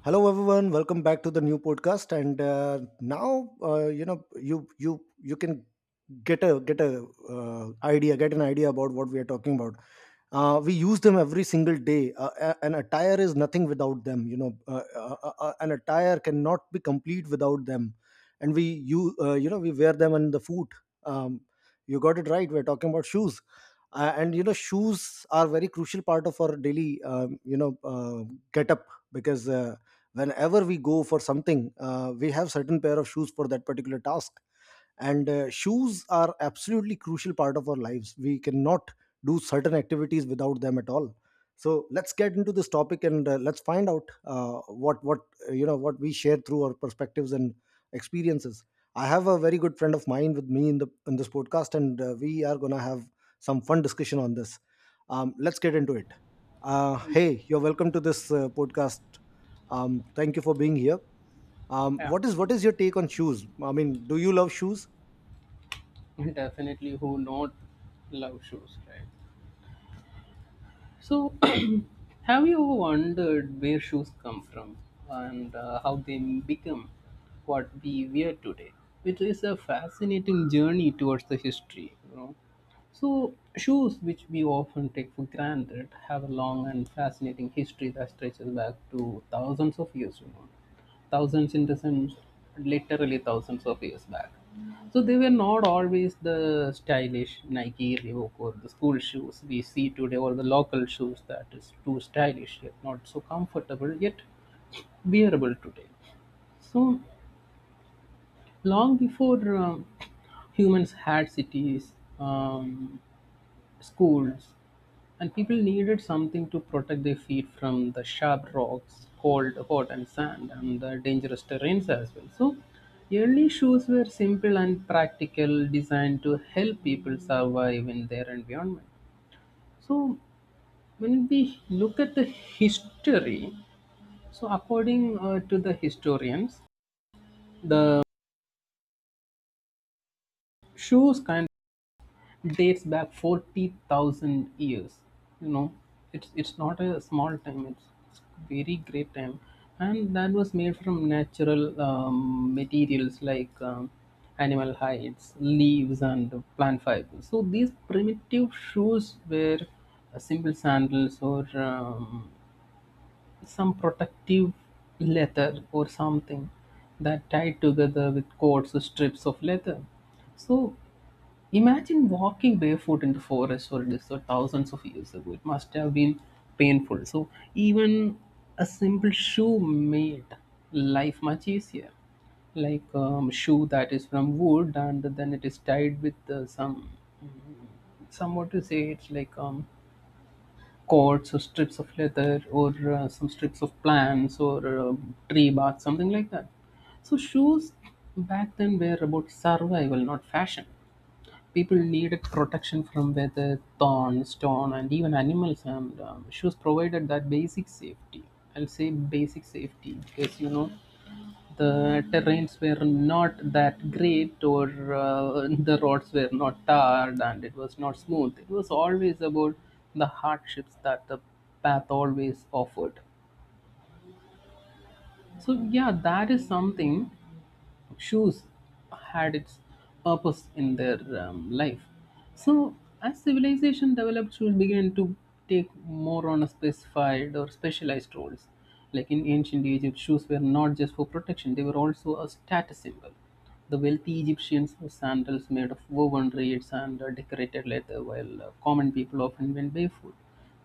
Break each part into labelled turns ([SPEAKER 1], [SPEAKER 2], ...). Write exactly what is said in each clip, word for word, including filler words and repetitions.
[SPEAKER 1] Hello everyone, welcome back to the new podcast. And uh, now, uh, you know, you you you can get a get a uh, idea, get an idea about what we are talking about. Uh, we use them every single day. Uh, a- an attire is nothing without them. You know, uh, uh, uh, uh, an attire cannot be complete without them. And we you uh, you know we wear them on the foot. Um, you got it right. We're talking about shoes. Uh, and you know shoes are very crucial part of our daily um, you know uh, get up because uh, whenever we go for something uh, we have certain pair of shoes for that particular task, and uh, shoes are absolutely crucial part of our lives. We cannot do certain activities without them at all. So let's get into this topic, and uh, let's find out uh, what what uh, you know what we share through our perspectives and experiences. I have a very good friend of mine with me in the in this podcast, and uh, we are going to have some fun discussion on this. Um, let's get into it. Uh, hey you're welcome to this uh, podcast. Um, thank you for being here. um,
[SPEAKER 2] Yeah,
[SPEAKER 1] what is what is your take on shoes? I mean, do you love shoes?
[SPEAKER 2] definitely. Who not love shoes, right? So, have you ever wondered where shoes come from and uh, how they become what we wear today? It is a fascinating journey towards the history, you know. So, shoes, which we often take for granted, have a long and fascinating history that stretches back to thousands of years. You know, thousands in the sense, literally thousands of years back. So they were not always the stylish Nike Reebok or the school shoes we see today, or the local shoes that is too stylish yet not so comfortable yet wearable today. So long before um, humans had cities, um, schools, and people needed something to protect their feet from the sharp rocks, cold, hot, and sand, and the dangerous terrains as well. So, early shoes were simple and practical, designed to help people survive in their environment. So, when we look at the history, so according uh, to the historians, the shoes kind dates back forty thousand years. You know, it's it's not a small time. It's, it's very great time, and that was made from natural um, materials like um, animal hides, leaves, and plant fibers. So these primitive shoes were uh, simple sandals or um, some protective leather or something that tied together with cords or strips of leather. So imagine walking barefoot in the forest or desert thousands of years ago. It must have been painful. So even a simple shoe made life much easier. Like um, shoe that is from wood and then it is tied with uh, some, some what to say, it's like um, cords or strips of leather or uh, some strips of plants or um, tree bark, something like that. So shoes back then were about survival, not fashion. People needed protection from weather, thorns, storm, and even animals. And um, she was provided that basic safety. I'll say basic safety because you know the terrains were not that great, or uh, the roads were not tarred and it was not smooth. It was always about the hardships that the path always offered. So yeah, that is something. Shoes had its purpose in their um, life. So as civilization developed, shoes began to take more on a specified or specialized roles. Like in ancient Egypt, shoes were not just for protection; they were also a status symbol. The wealthy Egyptians wore sandals made of woven reeds and uh, decorated leather, while uh, common people often went barefoot.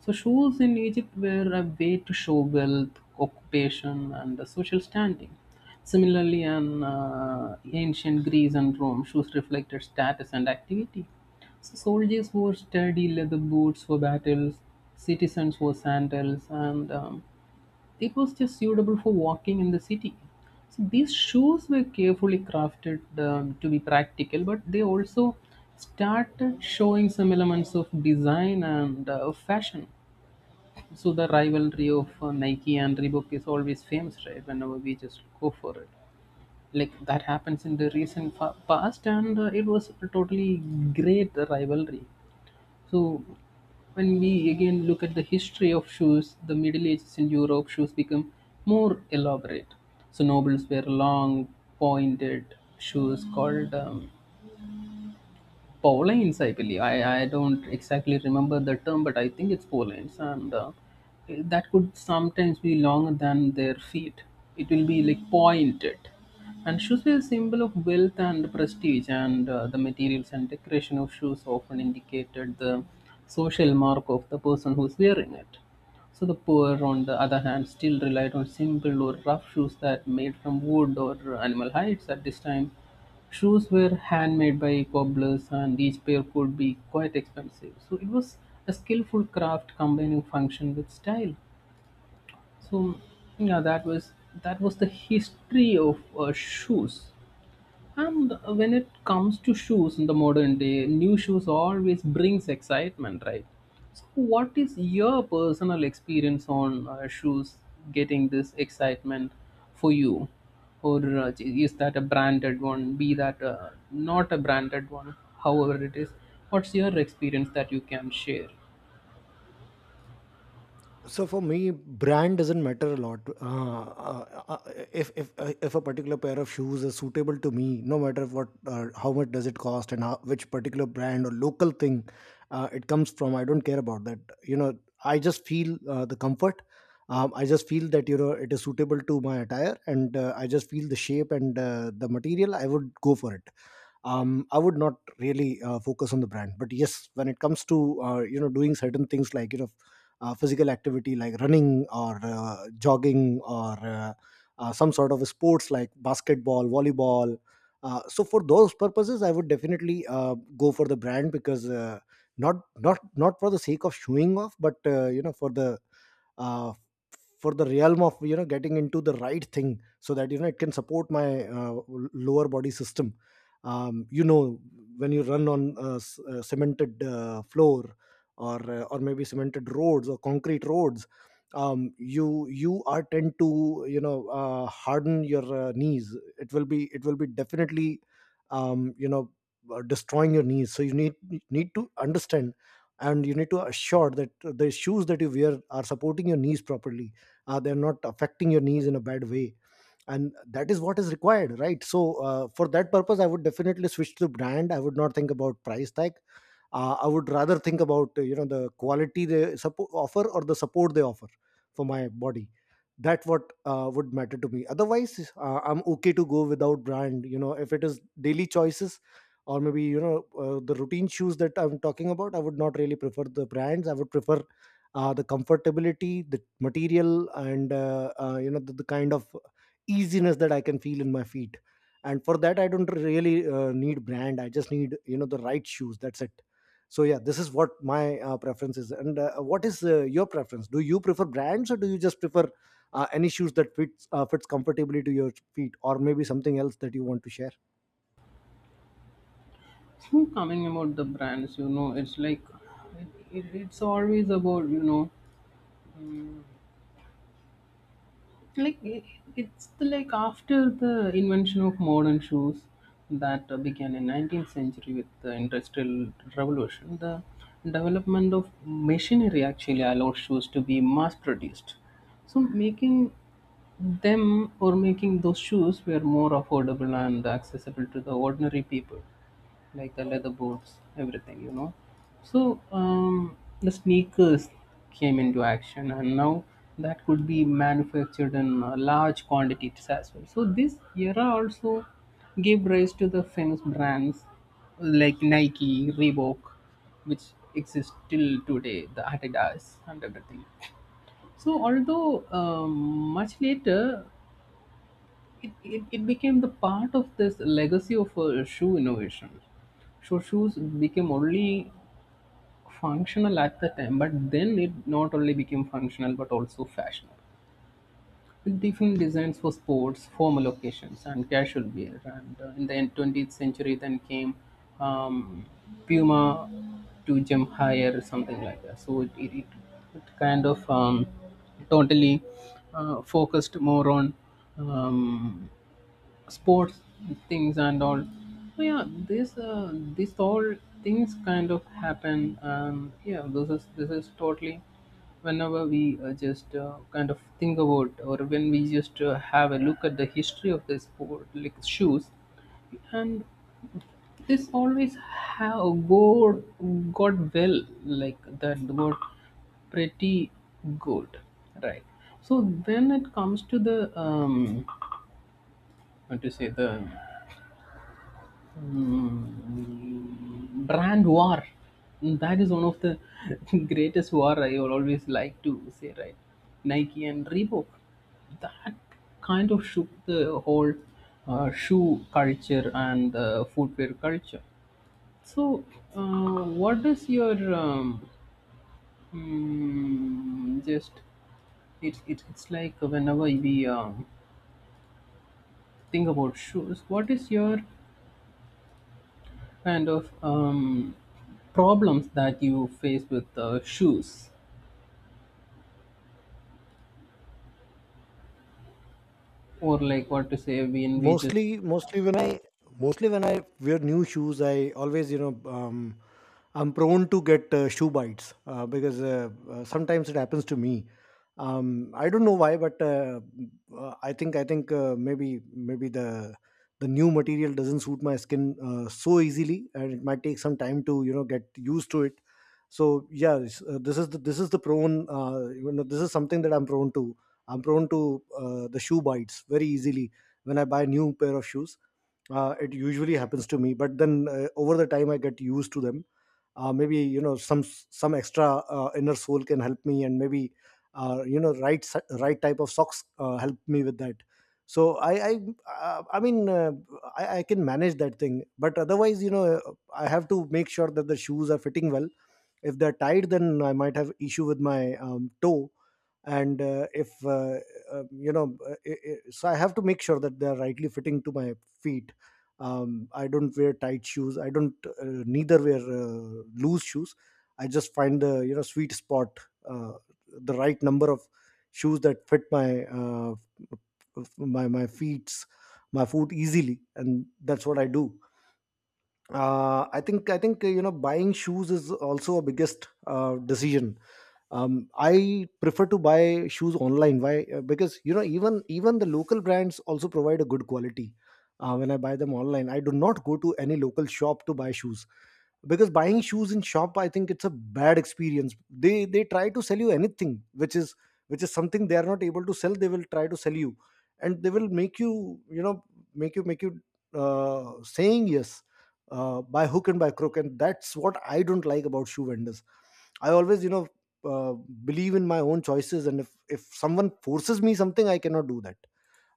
[SPEAKER 2] So, shoes in Egypt were a way to show wealth, occupation, and uh, social standing. Similarly, in uh, ancient Greece and Rome, shoes reflected status and activity. So soldiers wore sturdy leather boots for battles, citizens wore sandals, and um, it was just suitable for walking in the city. So these shoes were carefully crafted um, to be practical, but they also started showing some elements of design and uh, of fashion. So the rivalry of uh, Nike and Reebok is always famous, right? Whenever we just go for it, like that happens in the recent fa- past, and uh, it was a totally great rivalry. So when we again look at the history of shoes, the Middle Ages in Europe, shoes become more elaborate. So nobles wear long, pointed shoes called um, Pauline's, I believe. I, I don't exactly remember the term, but I think it's Pauline's, and uh, that could sometimes be longer than their feet. It will be like pointed. And shoes were a symbol of wealth and prestige, and uh, the materials and decoration of shoes often indicated the social mark of the person who's wearing it. So the poor, on the other hand, still relied on simple or rough shoes that made from wood or animal hides at this time. Shoes were handmade by cobblers and each pair could be quite expensive. So it was a skillful craft combining function with style. So yeah, that was that was the history of uh, shoes. And when it comes to shoes in the modern day, new shoes always brings excitement, right? So, what is your personal experience on uh, shoes getting this excitement for you, or uh, is that a branded one? Be that uh, not a branded one, however it is. What's your experience that you can share?
[SPEAKER 1] So for me, brand doesn't matter a lot. Uh, uh, uh, if if uh, if a particular pair of shoes is suitable to me, no matter what, uh, how much does it cost and how, which particular brand or local thing uh, it comes from, I don't care about that. You know, I just feel uh, the comfort. Um, i just feel that, you know, it is suitable to my attire, and uh, i just feel the shape and uh, the material. I would go for it. Um, I would not really uh, focus on the brand. But yes, when it comes to uh, you know, doing certain things, like, you know, uh, physical activity like running, or uh, jogging, or uh, uh, some sort of sports like basketball, volleyball. Uh, so for those purposes, I would definitely uh, go for the brand, because uh, not not not for the sake of showing off, but, uh, you know, for the uh, for the realm of, you know, getting into the right thing, so that, you know, it can support my uh, lower body system. Um, you know, when you run on a, s- a cemented uh, floor, or uh, or maybe cemented roads or concrete roads, um, you you are tend to, you know, uh, harden your uh, knees. It will be it will be definitely, um, you know uh, destroying your knees. So you need need to understand and you need to assure that the shoes that you wear are supporting your knees properly, uh, they're not affecting your knees in a bad way. And that is what is required, right? So uh, for that purpose, I would definitely switch to brand. I would not think about price tag. Uh, i would rather think about, uh, you know, the quality they suppo- offer, or the support they offer for my body. That what uh, would matter to me. Otherwise, uh, I'm okay to go without brand, you know, if it is daily choices, or maybe, you know, uh, the routine shoes that I'm talking about. I would not really prefer the brands. I would prefer uh, the comfortability, the material, and uh, uh, you know, the, the kind of easiness that I can feel in my feet. And for that, I don't really uh, need brand. I just need, you know, the right shoes, that's it. So yeah, this is what my uh, preference is. And uh, what is uh, your preference? Do you prefer brands, or do you just prefer uh, any shoes that fits uh, fits comfortably to your feet, or maybe something else that you want to share?
[SPEAKER 2] So, coming about the brands, you know, it's like it, it, it's always about you know like i- it's the, like after the invention of modern shoes that uh, began in nineteenth century with the industrial revolution, the development of machinery actually allowed shoes to be mass produced, so making them or making those shoes were more affordable and accessible to the ordinary people, like the leather boots, everything, you know. So um, the sneakers came into action, and now that could be manufactured in uh, large quantities as well. So this era also gave rise to the famous brands like Nike, Reebok, which exist till today, the Adidas and everything. So although um, much later it, it, it became the part of this legacy of uh, shoe innovation. So shoes became only functional at the time, but then it not only became functional but also fashionable, with different designs for sports, formal occasions, and casual wear. And uh, in the end twentieth century, then came um, Puma to jump higher, something like that. So it, it, it, it kind of um, totally uh, focused more on um, sports things and all. So yeah, this uh, this all things kind of happen, and yeah, this is this is totally whenever we uh, just uh, kind of think about, or when we just uh, have a look at the history of the sport like shoes, and this always have go got well, like that got pretty good, right? So when it comes to the um what to say, the brand war, that is one of the greatest war I will always like to say, right? Nike and Reebok, that kind of shook the whole uh, shoe culture and uh, footwear culture. So uh, what is your um, mm, just it's it's it's like whenever we um, think about shoes, what is your kind of um, problems that you face with uh, shoes, or like what to say when we just
[SPEAKER 1] Mostly mostly when i mostly when I wear new shoes, I always, you know, um I'm prone to get uh, shoe bites, uh, because uh, uh, sometimes it happens to me. um I don't know why, but uh, uh, I think I think uh, maybe maybe the the new material doesn't suit my skin uh, so easily, and it might take some time to, you know, get used to it. So yeah, this, uh, this is the this is the prone, uh, you know, this is something that I'm prone to. I'm prone to uh, the shoe bites very easily when I buy new pair of shoes. Uh, it usually happens to me, but then, uh, over the time, I get used to them. Uh, maybe, you know, some some extra uh, inner soul can help me, and maybe uh, you know, right si- right type of socks uh, help me with that. So I I uh, I mean uh, I, I can manage that thing. But otherwise, you know, uh, I have to make sure that the shoes are fitting well. If they're tight, then I might have issue with my um, toe. And uh, if uh, um, you know uh, I I So I have to make sure that they are rightly fitting to my feet. Um, i don't wear tight shoes. I don't uh, neither wear uh, loose shoes. I just find the, you know, sweet spot, uh, the right number of shoes that fit my uh, my my feet, my foot easily, and that's what I do. Uh, I think I think uh, You know, buying shoes is also a biggest uh, decision. Um, i prefer to buy shoes online. Why? Uh, because you know, even even the local brands also provide a good quality. Uh, when I buy them online, I do not go to any local shop to buy shoes, because buying shoes in shop, I think it's a bad experience. They they try to sell you anything which is, which is something they are not able to sell, they will try to sell you, and they will make you, you know, make you make you uh, saying yes uh, by hook and by crook, and that's what I don't like about shoe vendors. I always, you know, uh, believe in my own choices, and if if someone forces me something, I cannot do that.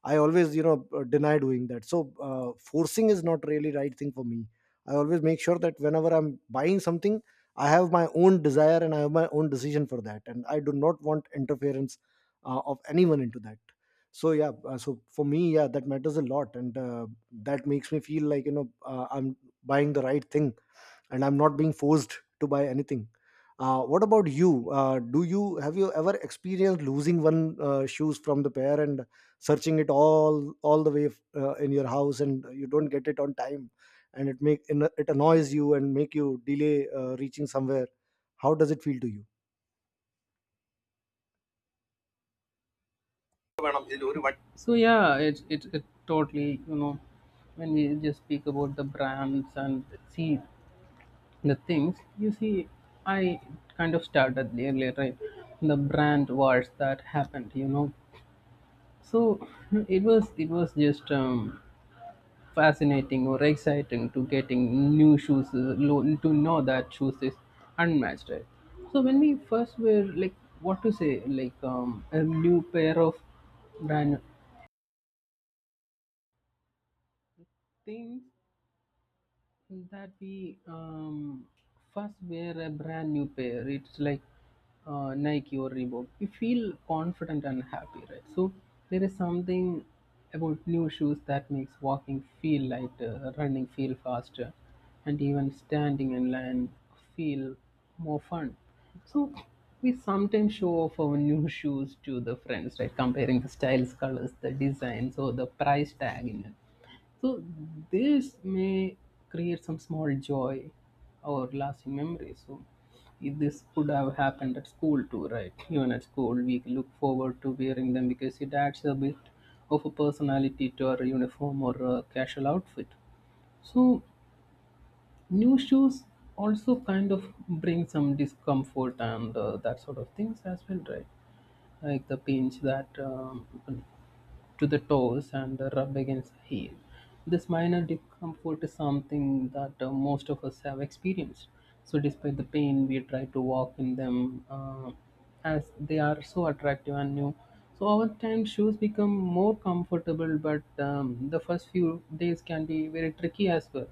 [SPEAKER 1] I always, you know, uh, deny doing that. So uh, forcing is not really right thing for me. I always make sure that whenever I'm buying something, I have my own desire and I have my own decision for that, and I do not want interference uh, of anyone into that. So yeah, uh, so for me, yeah, that matters a lot, and uh, that makes me feel like, you know, uh, I'm buying the right thing and I'm not being forced to buy anything. Uh, what about you? Uh, do you have, you ever experienced losing one uh, shoes from the pair and searching it all all the way uh, in your house, and you don't get it on time, and it make it annoys you and make you delay uh, reaching somewhere? How does it feel to you?
[SPEAKER 2] so yeah, it, it it totally you know, when we just speak about the brands and see the things you see, I kind of started earlier, right? The brand wars that happened, you know. So it was it was just um, fascinating or exciting to getting new shoes uh, lo- to know that shoes is unmatched, right? So when we first were like what to say, like um, a new pair of brand things that we um, first wear, a brand new pair? It's like uh, Nike or Reebok. We feel confident and happy, right? So there is something about new shoes that makes walking feel lighter, running feel faster, and even standing in line feel more fun. So we sometimes show off our new shoes to the friends, right? Comparing the styles, colors, the designs, or the price tag in it. So this may create some small joy or lasting memories. So if this could have happened at school too, right? Even at school, we look forward to wearing them because it adds a bit of a personality to our uniform or a casual outfit. So new shoes also kind of bring some discomfort and uh, that sort of things as well, right? Like the pinch that um, to the toes and rub against the heel. This minor discomfort is something that uh, most of us have experienced. So, despite the pain, we try to walk in them uh, as they are so attractive and new. So, over time, shoes become more comfortable, but um, the first few days can be very tricky as well.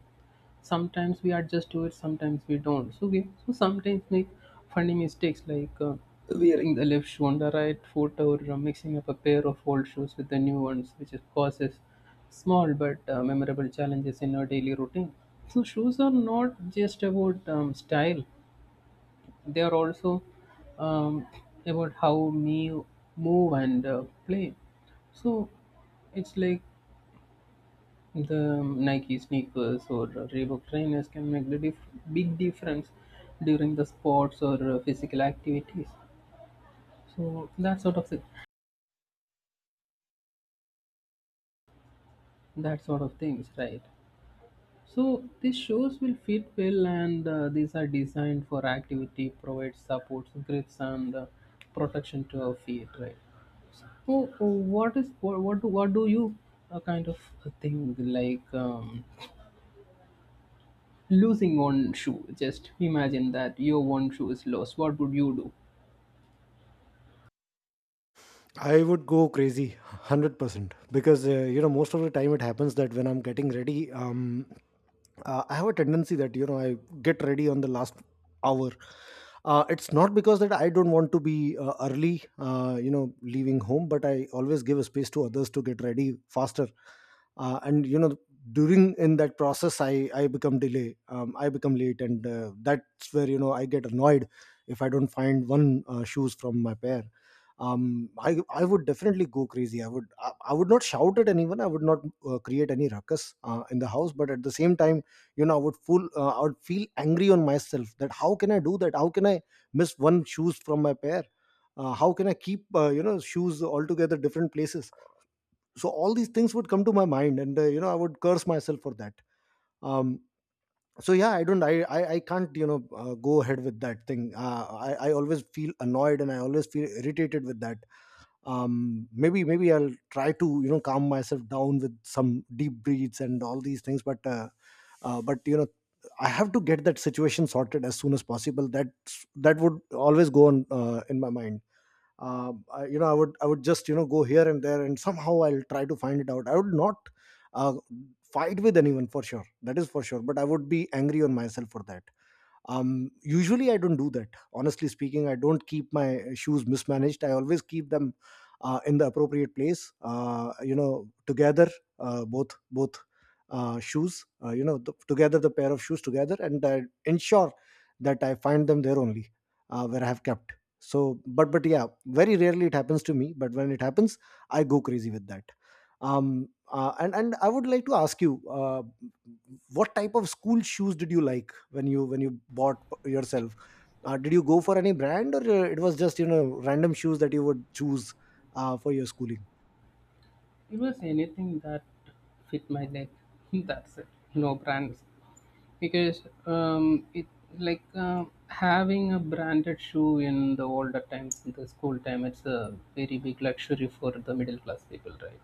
[SPEAKER 2] Sometimes we adjust to it, sometimes we don't. So we, so sometimes make funny mistakes like uh, wearing the left shoe on the right foot, or uh, mixing up a pair of old shoes with the new ones, which is causes small but uh, memorable challenges in our daily routine. So shoes are not just about um, style, they are also um, about how me move and uh, play. So it's like the Nike sneakers or Reebok trainers can make the dif- big difference during the sports or uh, physical activities. So that sort of thing, that sort of things, right? So these shoes will fit well, and uh, these are designed for activity, provide supports, grips, and uh, protection to our feet, right? So uh, what is what what do, what do you uh, kind of think like um, losing one shoe? Just imagine that your one shoe is lost. What would you do?
[SPEAKER 1] I would go crazy, hundred percent, because uh, you know, most of the time it happens that when I'm getting ready, um, uh, I have a tendency that you know, I get ready on the last hour. Uh, it's not because that I don't want to be uh, early, uh, you know, leaving home, but I always give a space to others to get ready faster. Uh, and you know, during in that process, I I become delay, um, I become late, and uh, that's where you know I get annoyed if I don't find one uh, shoes from my pair. Um i i would definitely go crazy. I would i, I would not shout at anyone. I would not uh, create any ruckus uh, in the house, but at the same time, you know, i would full uh, i would feel angry on myself, that how can I do that? How can I miss one shoes from my pair? Uh, how can I keep uh, you know, shoes altogether different places? So all these things would come to my mind, and uh, you know, I would curse myself for that. um so yeah, I don't I I, I can't, you know, uh, go ahead with that thing. Uh, i i always feel annoyed and I always feel irritated with that. Um maybe maybe I'll try to, you know, calm myself down with some deep breaths and all these things. But uh, uh but you know, I have to get that situation sorted as soon as possible. That, that would always go on uh, in my mind. Uh, I, you know i would i would just, you know, go here and there, and somehow I'll try to find it out. I would not uh, fight with anyone, for sure. That is for sure. But I would be angry on myself for that. Um usually I don't do that. Honestly speaking, I don't keep my shoes mismanaged. I always keep them uh, in the appropriate place, uh, you know, together, uh, both both uh, shoes, uh, you know, th- together, the pair of shoes together, and I ensure that I find them there only, uh, where I have kept. So, but but yeah, very rarely it happens to me, but when it happens, I go crazy with that. Um uh, and and I would like to ask you, uh, what type of school shoes did you like when you when you bought yourself? Uh, did you go for any brand, or uh, it was just, you know, random shoes that you would choose uh, for your schooling?
[SPEAKER 2] It was anything that fit my leg. That's it. No brands, because um, it like uh, having a branded shoe in the older times, in the school time, it's a very big luxury for the middle class people, right?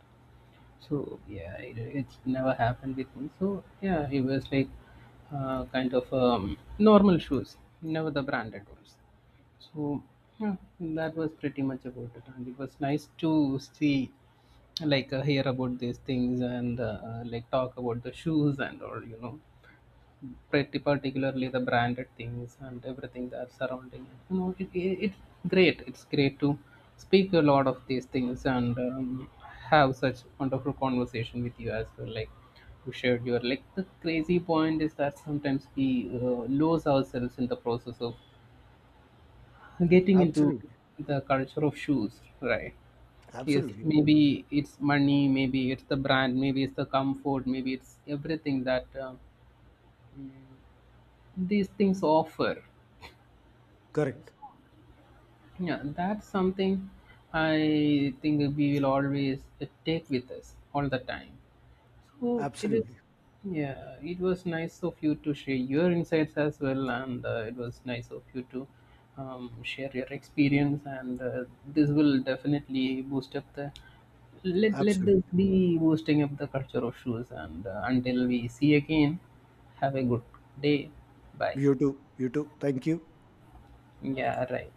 [SPEAKER 2] So yeah, it, it's never happened with me. So yeah, it was like uh, kind of um, normal shoes, never the branded ones. So yeah, that was pretty much about it, and it was nice to see, like, uh, hear about these things and uh, uh, like talk about the shoes and all, you know, pretty particularly the branded things and everything that's surrounding it. You know, it, it, it's great. It's great to speak a lot of these things and um, have such wonderful conversation with you as well, like. You shared your, like, the crazy point is that sometimes we uh, lose ourselves in the process of getting into
[SPEAKER 1] Absolutely.
[SPEAKER 2] the culture of shoes, right? Yes,
[SPEAKER 1] Absolutely.
[SPEAKER 2] maybe it's money, maybe it's the brand, maybe it's the comfort, maybe it's everything that uh, these things offer.
[SPEAKER 1] Correct.
[SPEAKER 2] Yeah, that's something I think we will always take with us all the time. So it is.
[SPEAKER 1] Absolutely.
[SPEAKER 2] Yeah, it was nice of you to share your insights as well, and uh, it was nice of you to um, share your experience. And uh, this will definitely boost up the, let let
[SPEAKER 1] Absolutely.
[SPEAKER 2] this be boosting up the culture of shoes. And uh, until we see again, have a good day. Bye.
[SPEAKER 1] You too. You too, thank you.
[SPEAKER 2] Yeah, right.